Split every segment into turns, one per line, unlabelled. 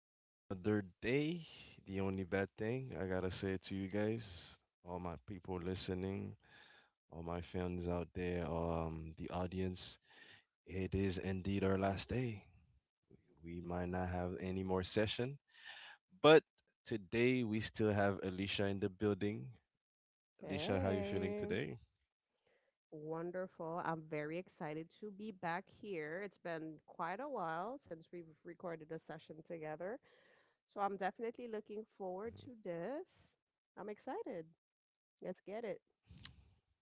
It's another day. The only bad thing I gotta say it to you guys, all my people listening, all my fans out there, the audience, it is indeed our last day. We might not have any more session, but today we still have Alicia in the building. Alicia, how you feeling
Hey,
today?
wonderful. I'm very excited to be back here. It's been quite a while since we've recorded a session together, so I'm definitely
Mhm.
looking forward to this. I'm excited. Let's get it.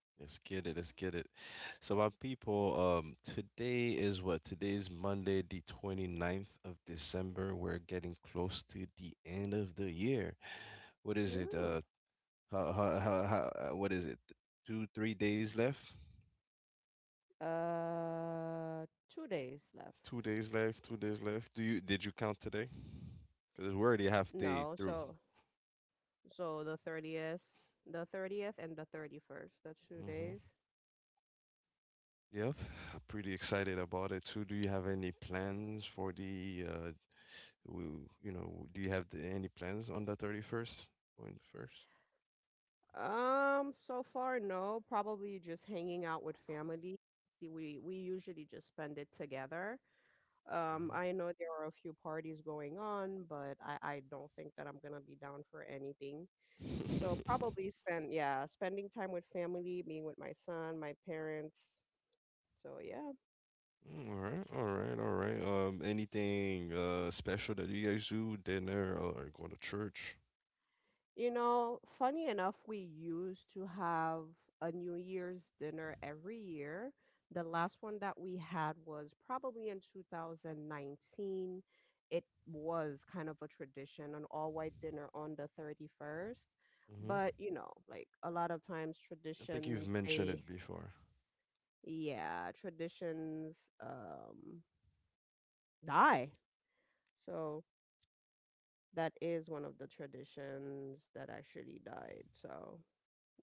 Let's get it. Let's get it. So, my people, today is what? Today is Monday, the twenty-ninth of December. We're getting close to the end of the year. What is it?
Ooh.
What is it? Two, 3 days left?
Uh, 2 days left.
2 days left. 2 days left. Do you did you count today? Because we're already half day
No,
through.
so the 30th and the 31st, the two
hmm
days.
Yep, I'm pretty excited about it too. Do you have any plans for the Do you have any plans on the 31st or in the first?
So far, no. Probably just hanging out with family. See, we usually just spend it together.
Mhm.
I know there are a few parties going on, but I don't think that I'm gonna be down for anything. So probably spend yeah, spending time with family, being with my son, my parents. So yeah.
All right, all right, all right. Anything special that you guys do, dinner or going to church?
You know, funny enough, we used to have a New Year's dinner every year. The last one that we had was probably in 2019. It was kind of a tradition, an all-white dinner on the 31st.
hmm
But, you know, like a lot of times
I think you've
traditions,
mentioned it before.
yeah, traditions um, die. So that is one of the traditions that actually died. So,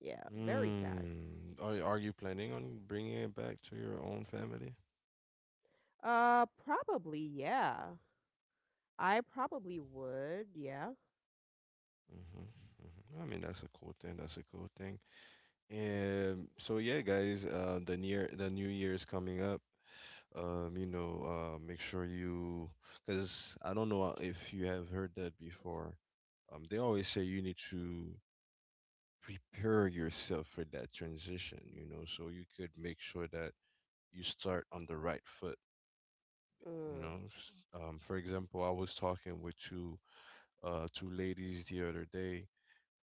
yeah, very sad.
Mm. Are you planning on bringing it back to your own family?
Probably, yeah. I probably would, yeah.
hmm hmm I mean, that's a cool thing. That's a cool thing. And so yeah, guys, the new year is coming up. Make sure you, because I don't know, if you have heard that before, they always say you need to prepare yourself for that transition, so you could make sure that you start on the right foot, you
Mm,
know S- for example, I was talking with two ladies the other day,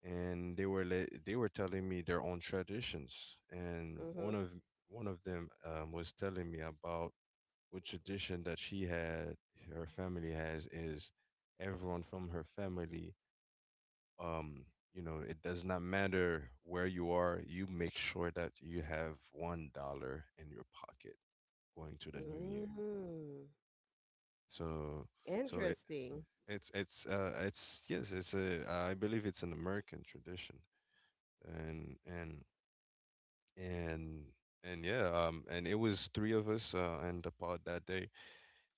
and they were telling me their own traditions, and one
mm-hmm.
of one of them, was telling me about what tradition that she had, her family has, is everyone from her family, um, it does not matter where you are, you make sure that you have $1 in your pocket going to the new year.
Mm,
So, so, it,
interesting.
it's it's uh it's yes, it's a I believe it's an American tradition, and and and and yeah, and it was three of us in the pod that day.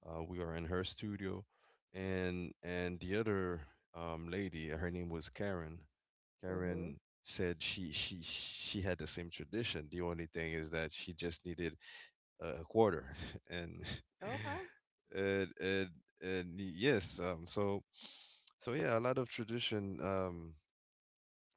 We are in her studio, and the other, lady, her name was Karen.
Mm-hmm.
Karen said she had the same tradition. The only thing is that she just needed a quarter, and
Okay.
and and, and yes, so, so yeah, a lot of tradition.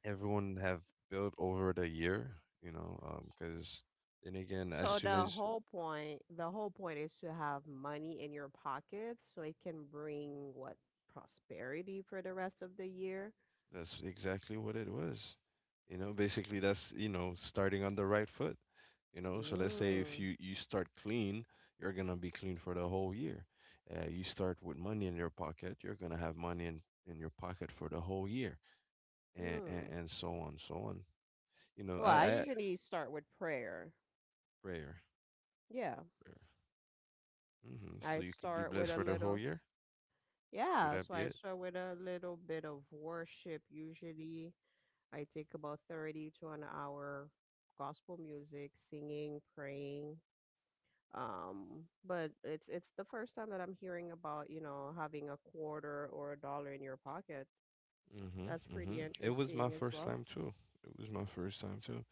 Everyone have built over the year, because then again, as
So
soon
the
as.
whole point, the whole point is to have money in your pockets so it can bring what prosperity for the rest of the year.
That's exactly what it was. Basically, that's, starting on the right foot. So let's say if
Mm,
you start clean, you're gonna be clean for the whole year. You start with money in your pocket, you're gonna have money in your pocket for the whole year, and and,
mm.
and so on, so on. You know,
Well, I
I
usually start with prayer.
prayer,
Yeah.
prayer.
I
So you could be
start with
blessed
a
for the whole
little,
year. Would
yeah,
that
so
be
I
it?
start with a little bit of worship usually. I take about 30 to an hour gospel music, singing, praying. But it's the first time that I'm hearing about, you know, having a quarter or a dollar in your pocket.
Mm-hmm,
That's
mm-hmm.
pretty
It was my
interesting as
first
well.
time too. It was my first time too.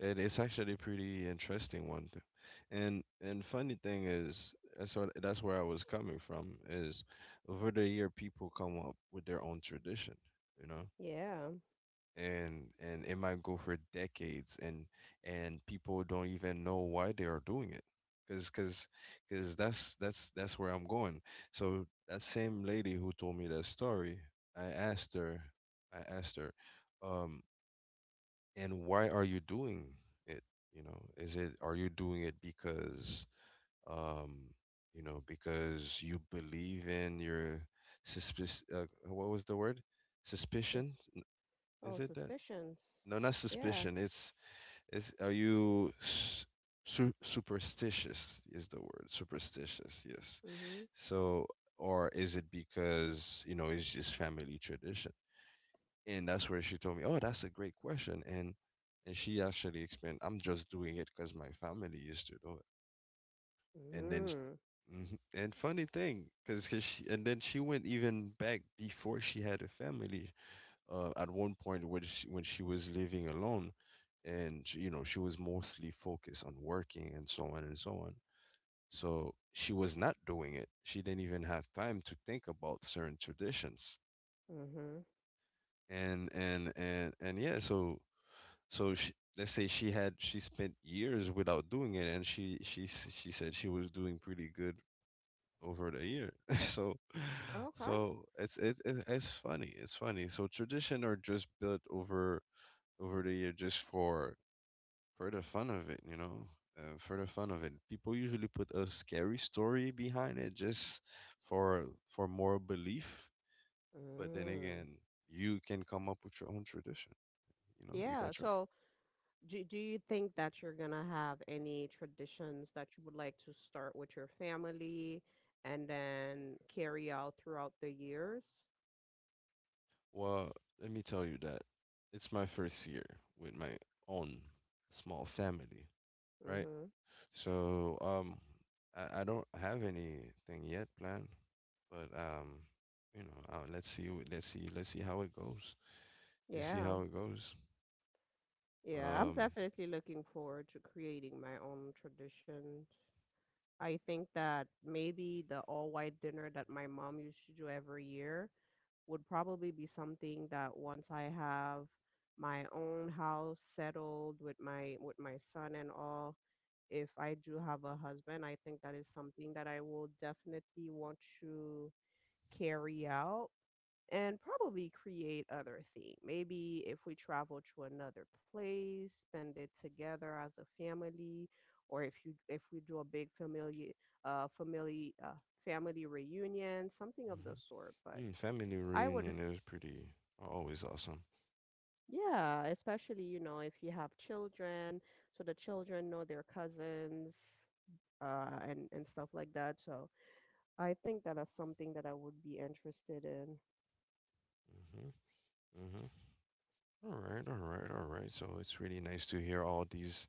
It is actually a pretty interesting one, too. And funny thing is, that's what that's where I was coming from. Is. Over the year, people come up with their own tradition, you know,
Yeah.
and it might go for decades, and people don't even know why they are doing it, because because because that's where I'm going. So that same lady who told me that story, I asked her, I asked her, um, and why are you doing it, is it are you doing it because, um because you believe in your suspicion, what was the word,
Sus
suspicion,
Oh,
is it that,
suspicions.
no, not
Yeah.
suspicion, it's, is are you s- su- superstitious, is the word superstitious, yes,
Mm-hmm.
so or is it because, it's just family tradition? And that's where she told me, "Oh, that's a great question." And she actually explained, "I'm just doing it because my family used to do it." And then, sh
Mm-hmm.
Mhm. And funny thing, because she and then she went even back before she had a family. At one point when she was living alone, and she was mostly focused on working and so on and so on. So she was not doing it. She didn't even have time to think about certain traditions,
Mm-hmm.
and yeah, so, so she, let's say she had, she spent years without doing it, and she said she was doing pretty good over the year. so
Okay.
so it's funny. It's funny. So tradition are just built over the year just for the fun of it. For the fun of it, people usually put a scary story behind it just for more belief. But then
Mm.
again, you can come up with your own tradition. You
Yeah.
got your.
So do you think that you're gonna have any traditions that you would like to start with your family and then carry out throughout the years?
Well, let me tell you that it's my first year with my own small family, right?
Mm-hmm.
So, I don't have anything yet planned, but let's see, let's see, let's see how it goes. You see
Yeah,
how it goes.
yeah, I'm
Um,
definitely looking forward to creating my own traditions. I think that maybe the all-white dinner that my mom used to do every year would probably be something that once I have my own house settled with my son and all, if I do have a husband, I think that is something that I will definitely want to carry out and probably create other thing. Maybe if we travel to another place, spend it together as a family, or if we do a big uh family uh family reunion, something of the
mhm.
sort. But
Family
I would
reunion is pretty always awesome.
Yeah, especially, you know, if you have children, so the children know their cousins, and stuff like that. So I think that is something that I would be interested in.
hmm All right, all right, all right. So it's really nice to hear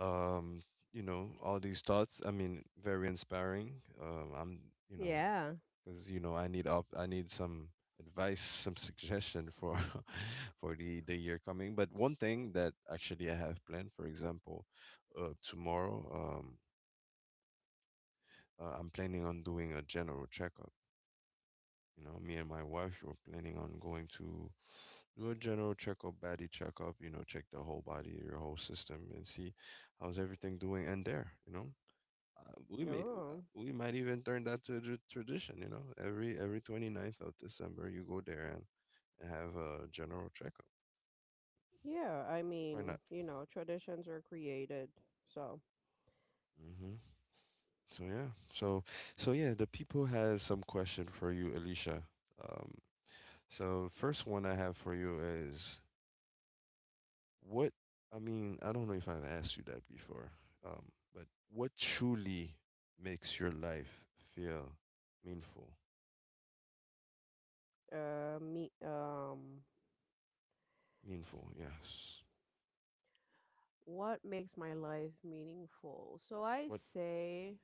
um, all these thoughts. I mean, very inspiring. I'm, you know,
Yeah.
because, I need some advice, some suggestion for, for the year coming. But one thing that actually I have planned, for example, tomorrow, um, I'm planning on doing a general checkup. Me and my wife were planning on going to do a general checkup, body checkup, check the whole body, your whole system, and see how's everything doing. And there, uh, we may
Oh,
we might even turn that to a tradition. Every twenty ninth of December, you go there, and have a general checkup.
yeah. I
Why
mean,
not?
you know, traditions are created. So,
hmm So yeah, so yeah, the people has some question for you, Alicia. Um, so first one I have for you is: what? I mean, I don't know if I've asked you that before, um, but what truly makes your life feel meaningful?
me,
Meaningful, yes.
what makes my life meaningful? So I
What?
say,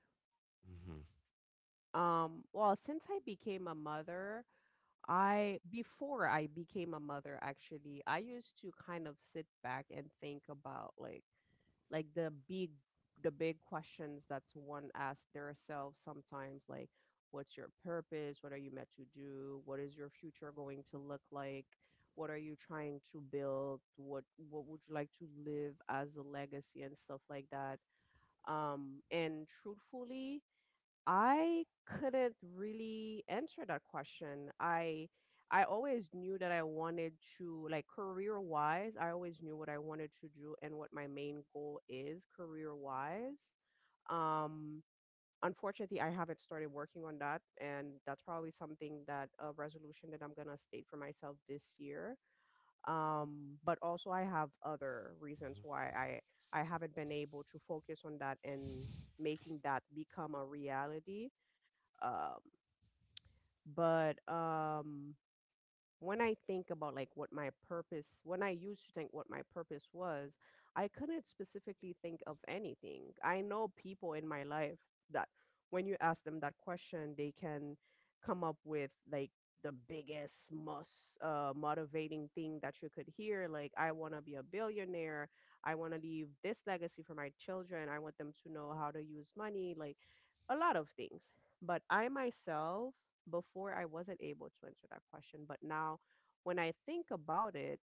Mm-hmm.
well, since I became a mother, I before I became a mother actually, I used to kind of sit back and think about like the big questions that one asks themselves sometimes like what's your purpose? What are you meant to do? What is your future going to look like? What are you trying to build? What would you like to live as a legacy and stuff like that? And truthfully, I couldn't really answer that question. I always knew that I wanted to like, career-wise, I always knew what I wanted to do and what my main goal is career-wise. Um, Unfortunately, I haven't started working on that, and that's probably something that a resolution that I'm gonna state for myself this year. But also I have other reasons why I haven't been able to focus on that and making that become a reality. Um, but when I think about like when I used to think what my purpose was, I couldn't specifically think of anything. I know people in my life that when you ask them that question, they can come up with like the biggest, most motivating thing that you could hear. Like, I want to be a billionaire. I want to leave this legacy for my children. I want them to know how to use money. Like, a lot of things. But I myself, before I wasn't able to answer that question, but now when I think about it,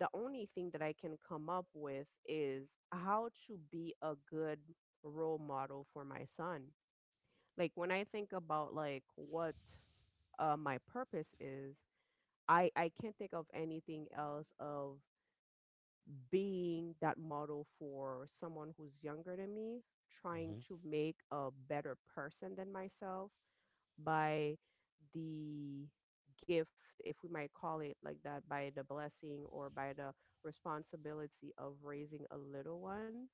the only thing that I can come up with is how to be a good role model for my son. Like, when I think about like what my purpose is, I can't think of anything else of being that model for someone who's younger than me, trying
Mm-hmm.
to make a better person than myself by the gift, if we might call it like that, by the blessing or by the responsibility of raising a little one.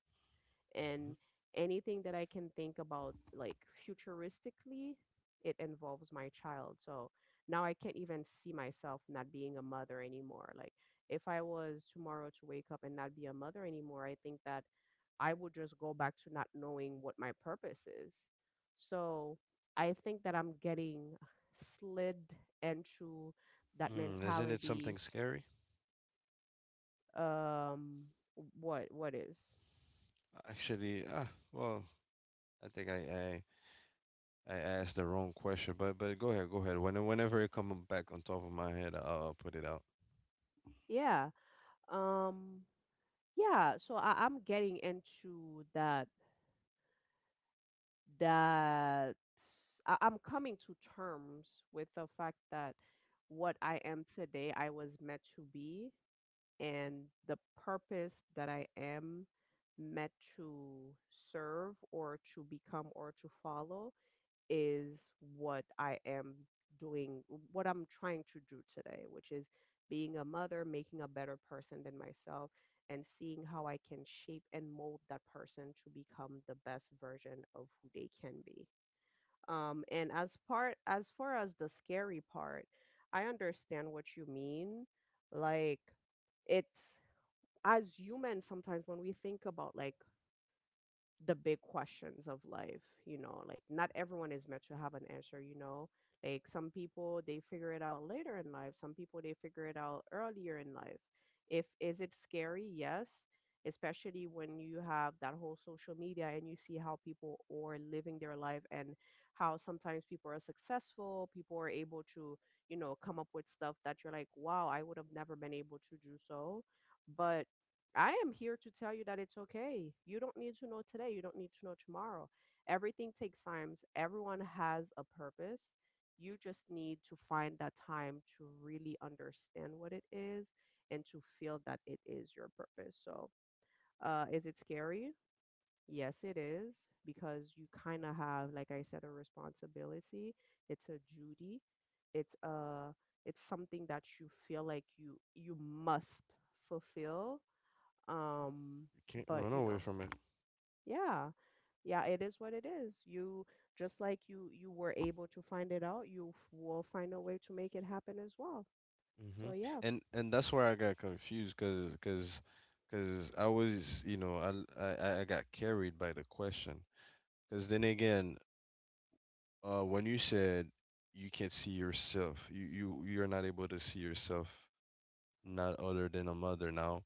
And anything that I can think about, like futuristically, it involves my child. So now I can't even see myself not being a mother anymore. Like, if I was tomorrow to wake up and not be a mother anymore, I think that I will just go back to not knowing what my purpose is. So I think that I'm getting slid into that
Mm-hmm. Isn't it
mentality.
something scary?
Um, what is?
Actually, well, I think I asked the wrong question, but go ahead, go ahead. Whenever it comes back on top of my head, I'll put it out.
Yeah. Um, yeah. So I'm getting into that. I'm coming to terms with the fact that what I am today, I was meant to be, and the purpose that I am meant to serve or to become or to follow is what I am doing, what I'm trying to do today, which is being a mother, making a better person than myself, and seeing how I can shape and mold that person to become the best version of who they can be. And as far as the scary part, I understand what you mean. Like, it's as humans sometimes when we think about like the big questions of life, like, not everyone is meant to have an answer. Like, some people they figure it out later in life, some people they figure it out earlier in life. If is it scary? Yes, especially when you have that whole social media and you see how people are living their life, and how sometimes people are successful, people are able to come up with stuff that you're like, wow, I would have never been able to do so. But I am here to tell you that it's okay. You don't need to know today. You don't need to know tomorrow. Everything takes time. Everyone has a purpose. You just need to find that time to really understand what it is and to feel that it is your purpose. So, is it scary? Yes, it is because you kind of have, like I said, a responsibility. It's a duty. It's a it's something that you feel like you must fulfill. um
You can't
but
run away from it.
yeah, yeah, it is what it is. You just like you were able to find it out, you will find a way to make it happen as well,
hmm
so yeah.
and that's where I got confused, because, I was, I l- I got carried by the question, because then again, when you said you can't see yourself, you're not able to see yourself, not other than a mother now.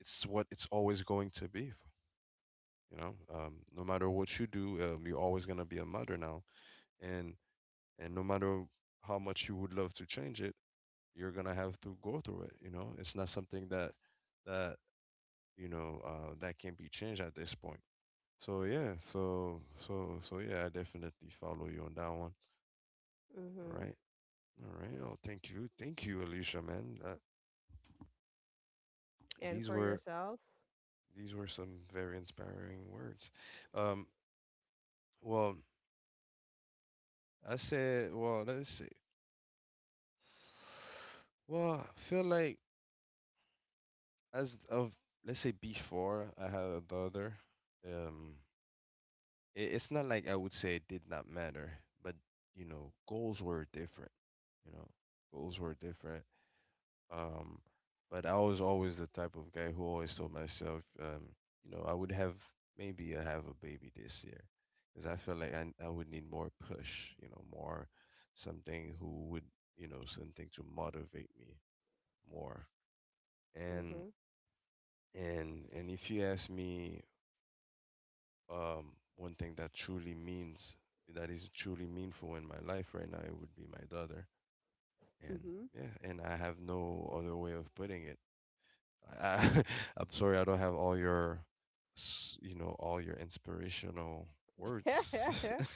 It's what it's always going to be, no matter what you do, you're always gonna be a mother now. And, no matter how much you would love to change it, you're gonna have to go through it. It's not something that, that that can be changed at this point. So yeah, so so yeah, I definitely follow you on that one. All
Mhm.
right, all right. Oh, thank you, Alicia, man. That,
And
these
for
were
yourself.
these were some very inspiring words. Um, well, I said, well, let's see. Well, I feel like, as of, let's say, before I had a daughter, um, it's not like I would say it did not matter, but, goals were different. You know, goals were different. Um, but I was always the type of guy who always told myself, I would have maybe I have a baby this year, because I felt like I would need more push. More something who would, something to motivate me more. And
Mhm.
and if you ask me, one thing that truly means, that is truly meaningful in my life right now, it would be my daughter. And
Mhm.
yeah, and I have no other way of putting it. I, I, I'm sorry, I don't have all your, inspirational words,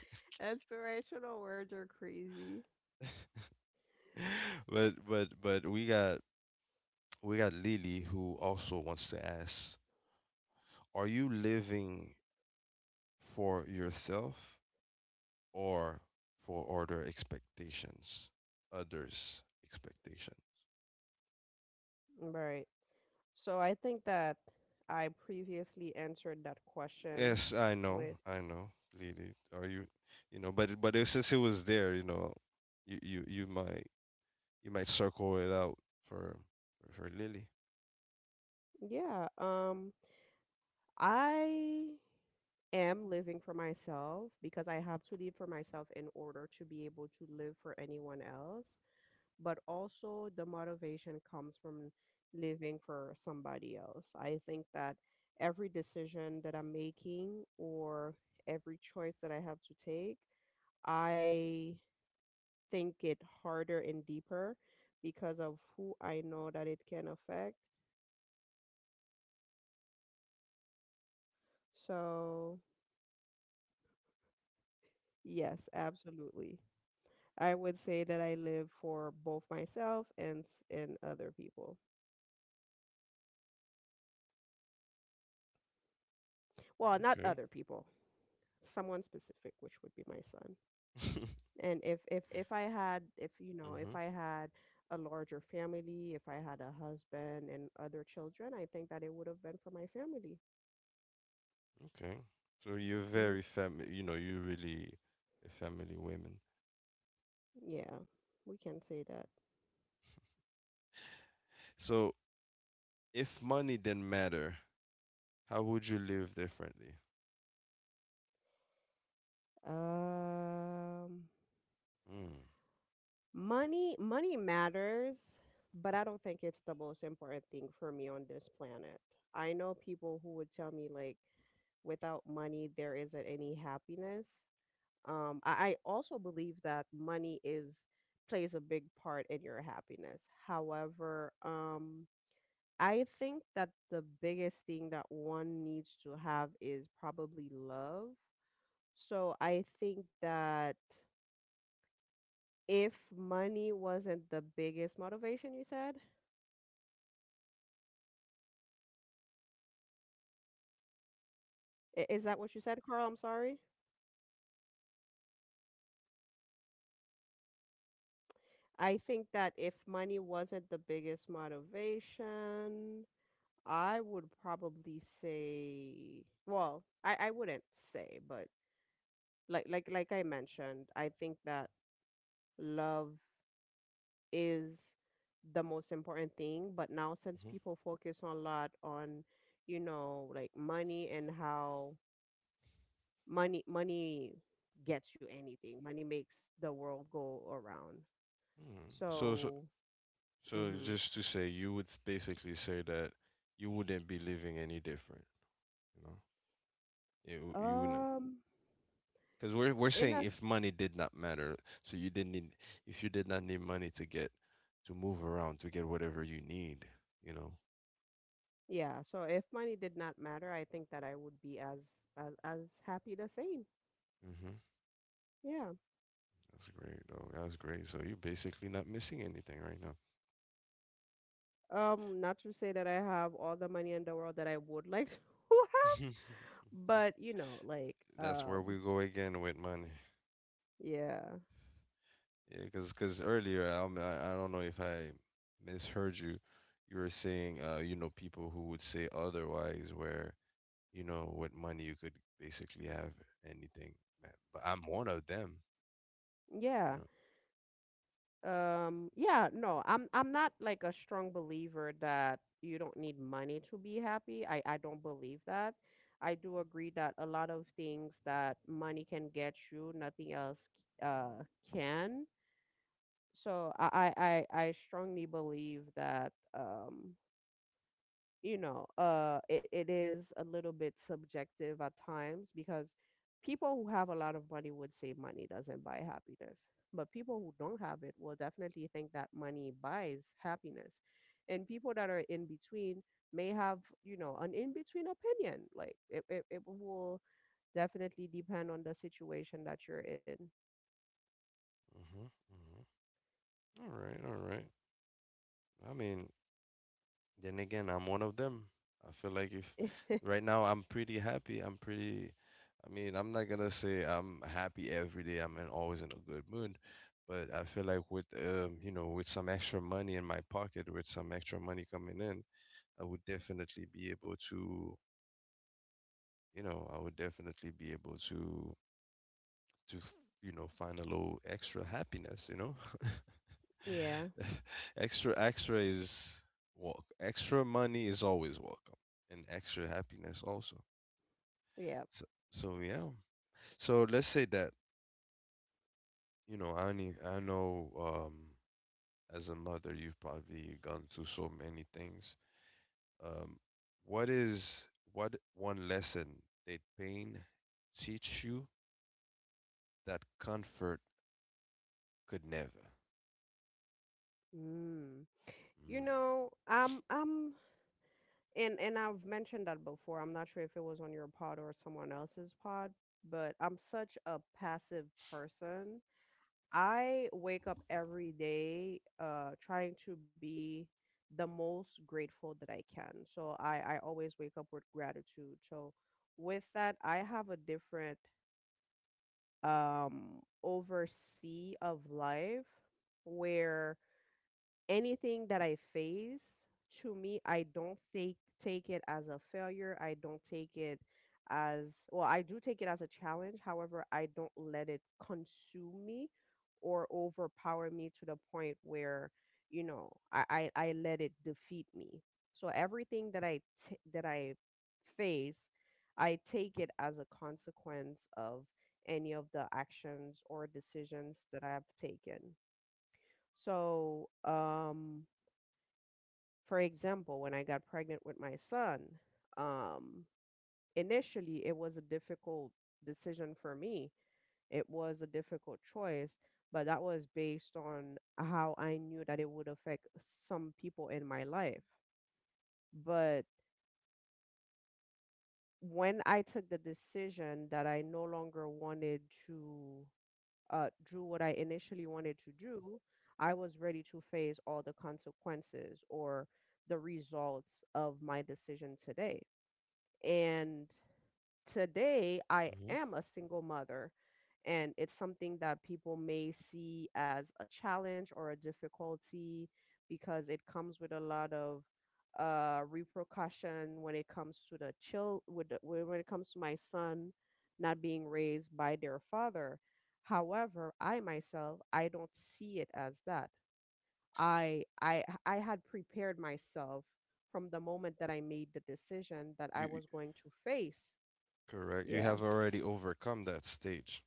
Inspirational words are crazy.
but we got Lily, who also wants to ask, are you living for yourself or for other expectations, others' expectation?
Right. So I think that I previously answered that question
Yes,
with,
I know, Lily. Or you, but but it, since it was there, you, you you might you might circle it out for, for Lily.
yeah, I am living for myself because I have to live for myself in order to be able to live for anyone else. But also, the motivation comes from living for somebody else. I think that every decision that I'm making or every choice that I have to take, I think it harder and deeper because of who I know that it can affect. So, yes, absolutely. I would say that I live for both myself and and other people. Well, not
Okay.
other people, someone specific, which would be my son. And if
mhm.
I had a larger family, if I had a husband and other children, I think that it would have been for my family.
Okay. So you're very
Hmm.
family. You know, you really a family woman.
Yeah, we can say that.
So if money didn't matter, how would you live differently?
Um,
Mm.
money matters, but I don't think it's the most important thing for me on this planet. I know people who would tell me like without money there isn't any happiness. I also believe that money is plays a big part in your happiness. However, I think that the biggest thing that one needs to have is probably love. So I think that if money wasn't the biggest motivation, you said, is that what you said, Carl? I'm sorry. I think that if money wasn't the biggest motivation, I would probably say, well, I wouldn't say, but like I mentioned, I think that love is the most important thing. But now since
Mhm.
people focus a lot on, like, money and how money gets you anything. Money makes the world go around.
Hmm. So so
So,
so
hmm
just to say, you would basically say that you wouldn't be living any different. You know, you wouldn't.
um,
Because we're
in
saying
a
if money did not matter, so you didn't need, if you did not need money to get, to move around to get whatever you need, you know.
Yeah, so if money did not matter, I think that I would be as as happy the same.
Hmm.
Yeah.
That's great, though. That's great. So you're basically not missing anything right now.
Not to say that I have all the money in the world that I would like to have, but you know,
That's where we go again with money.
yeah.
Yeah, because earlier I don't know if I misheard you. You were saying you know people who would say otherwise where you know with money you could basically have anything, man. But I'm one of them. You
Yeah.
know.
Yeah, no, I'm not like a strong believer that you don't need money to be happy. I don't believe that. I do agree that a lot of things that money can get you, nothing else uh can. So I strongly believe that you know it is a little bit subjective at times because people who have a lot of money would say money doesn't buy happiness, but people who don't have it will definitely think that money buys happiness, and people that are in between may have, you know, an in between opinion, like it will definitely depend on the situation that you're in.
Mm-hmm. Mm-hmm. All right, all right. I mean, then again, I'm one of them. I feel like if right now I'm pretty happy, I'm pretty, I mean, I'm not gonna say I'm happy every day. I'm in, always in a good mood, but I feel like with you know, with some extra money in my pocket, with some extra money coming in, I would definitely be able to, you know, I would definitely be able to, you know, find a little extra happiness, you know?
Yeah,
Extra is welcome. Extra money is always welcome, and extra happiness also.
yeah.
So, so yeah. So let's say that, you know, Annie, I know as a mother, you've probably gone through so many things. Um, what is, what one lesson did pain teach you that comfort could never?
Mm. You
Mm.
know, am and I've mentioned that before. I'm not sure if it was on your pod or someone else's pod, but I'm such a passive person. I wake up every day, trying to be the most grateful that I can. So I always wake up with gratitude. So with that, I have a different oversee of life where anything that I face, to me, I don't take it as a failure. I don't take it as well. I do take it as a challenge. However, I don't let it consume me or overpower me to the point where you know I let it defeat me. So everything that I face, I take it as a consequence of any of the actions or decisions that I've taken. So, for example, when I got pregnant with my son, um, initially it was a difficult decision for me. It was a difficult choice, but that was based on how I knew that it would affect some people in my life. But when I took the decision that I no longer wanted to do what I initially wanted to do, I was ready to face all the consequences or the results of my decision today. And today I
Mm-hmm.
am a single mother. And it's something that people may see as a challenge or a difficulty because it comes with a lot of repercussion when it comes to the child, with the, when it comes to my son not being raised by their father. However, I myself, I don't see it as that. I had prepared myself from the moment that I made the decision that I
You
was going to face.
correct. You
Yeah,
have already overcome that stage.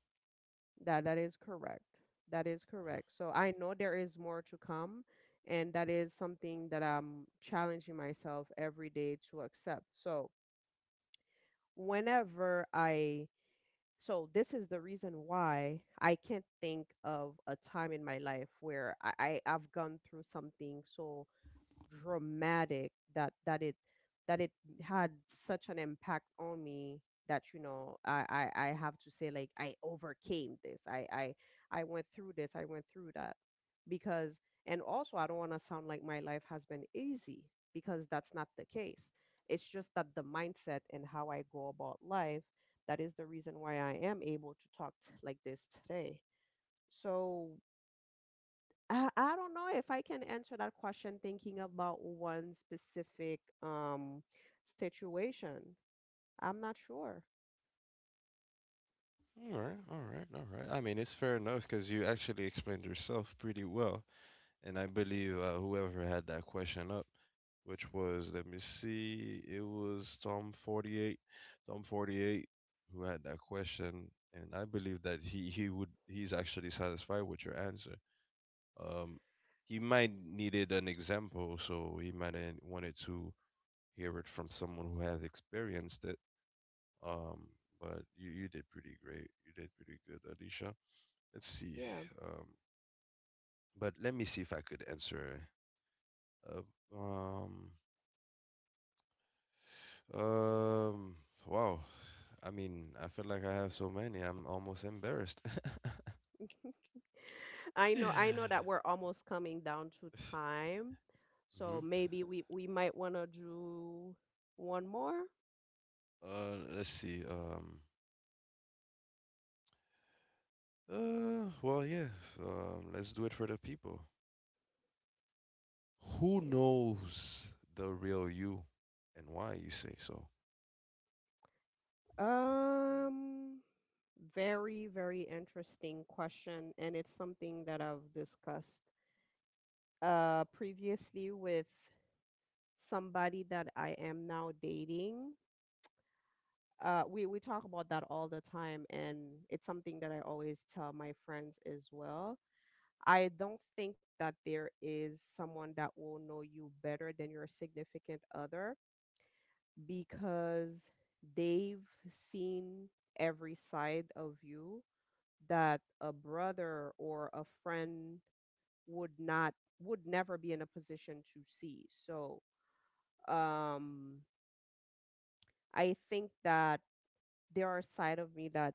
that is correct. That is correct. So I know there is more to come, and that is something that I'm challenging myself every day to accept. So whenever I so this is the reason why I can't think of a time in my life where I've gone through something so dramatic that that it had such an impact on me that you know I have to say like I overcame this. I went through this. I went through that. Because, and also, I don't want to sound like my life has been easy, because that's not the case. It's just that the mindset and how I go about life, that is the reason why I am able to talk like this today. So I don't know if I can answer that question thinking about one specific situation. I'm not sure.
All right, all right, all right. I mean, it's fair enough because you actually explained yourself pretty well, and I believe whoever had that question up, which was, let me see, it was Tom 48, Tom 48, who had that question, and I believe that he would he's actually satisfied with your answer. Um, he might needed an example, so he might have wanted to hear it from someone who has experienced it. Um, but you did pretty great. You did pretty good, Alicia. Let's see.
Yeah.
Um, but let me see if I could answer. Uh, um, um, wow. I mean, I feel like I have so many. I'm almost embarrassed.
I
Hmm.
know, I know that we're almost coming down to time. So maybe we might want to do one more.
Let's see. Well, yeah. Let's do it for the people. Who
Yeah.
knows the real you and why you say so?
Um Very very interesting question, and it's something that I've discussed previously with somebody that I am now dating. We talk about that all the time, and it's something that I always tell my friends as well. I don't think that there is someone that will know you better than your significant other, because they've seen every side of you that a brother or a friend would not would never be in a position to see. So, um, I think that there are side of me that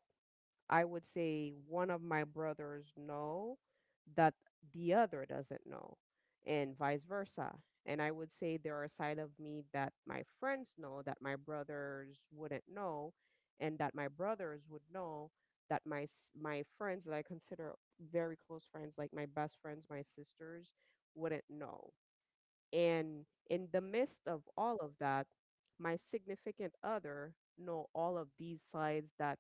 I would say one of my brothers know that the other doesn't know, and vice versa. And I would say there are side of me that my friends know that my brothers wouldn't know, and that my brothers would know that my friends that I consider very close friends, like my best friends, my sisters, wouldn't know. And in the midst of all of that, my significant other know all of these sides that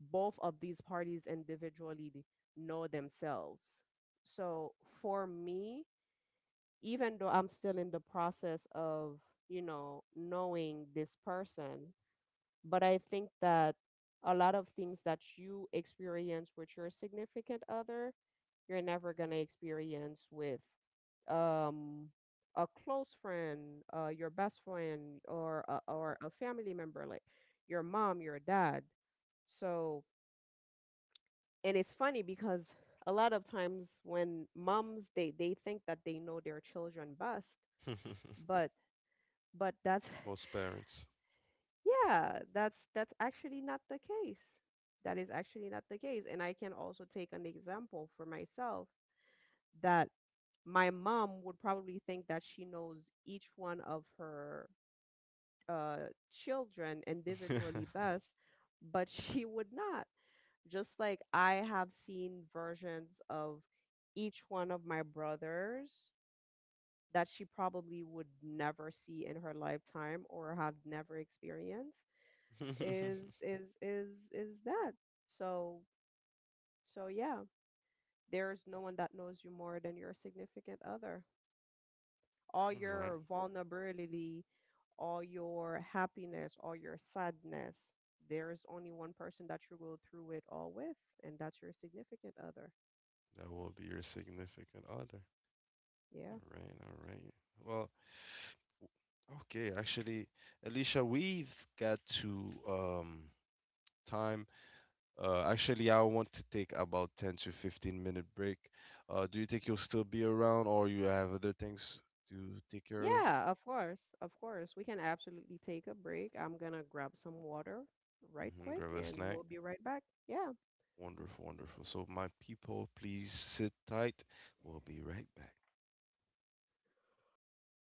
both of these parties individually know themselves. So for me, even though I'm still in the process of, you know, knowing this person, but I think that a lot of things that you experience with your significant other, you're never going to experience with um a close friend, your best friend or a family member like your mom, your dad. So, and it's funny because a lot of times when moms they think that they know their children best, but but that's
Most parents.
yeah, that's actually not the case. That is actually not the case. And I can also take an example for myself, that my mom would probably think that she knows each one of her children individually
All
best, but she would not. Just like I have seen versions of each one of my brothers that she probably would never see in her lifetime or have never experienced is that. So so yeah, there's no one that knows you more than your significant other. All
right.
your vulnerability, all your happiness, all your sadness, there is only one person that you go through it all with, and that's your significant other.
That will be your significant other.
Yeah.
All right, all right. Well, okay, actually, Alicia, we've got to time. Actually, I want to take about 10 to 15 minute break. Do you think you'll still be around or you have other things to take care of?
Yeah, of course. Of course. We can absolutely take a break. I'm gonna grab some water right
Hmm.
quick
Grab a
and
snack.
we'll be right back. Yeah.
Wonderful, wonderful. So, my people, please sit tight. We'll be right back.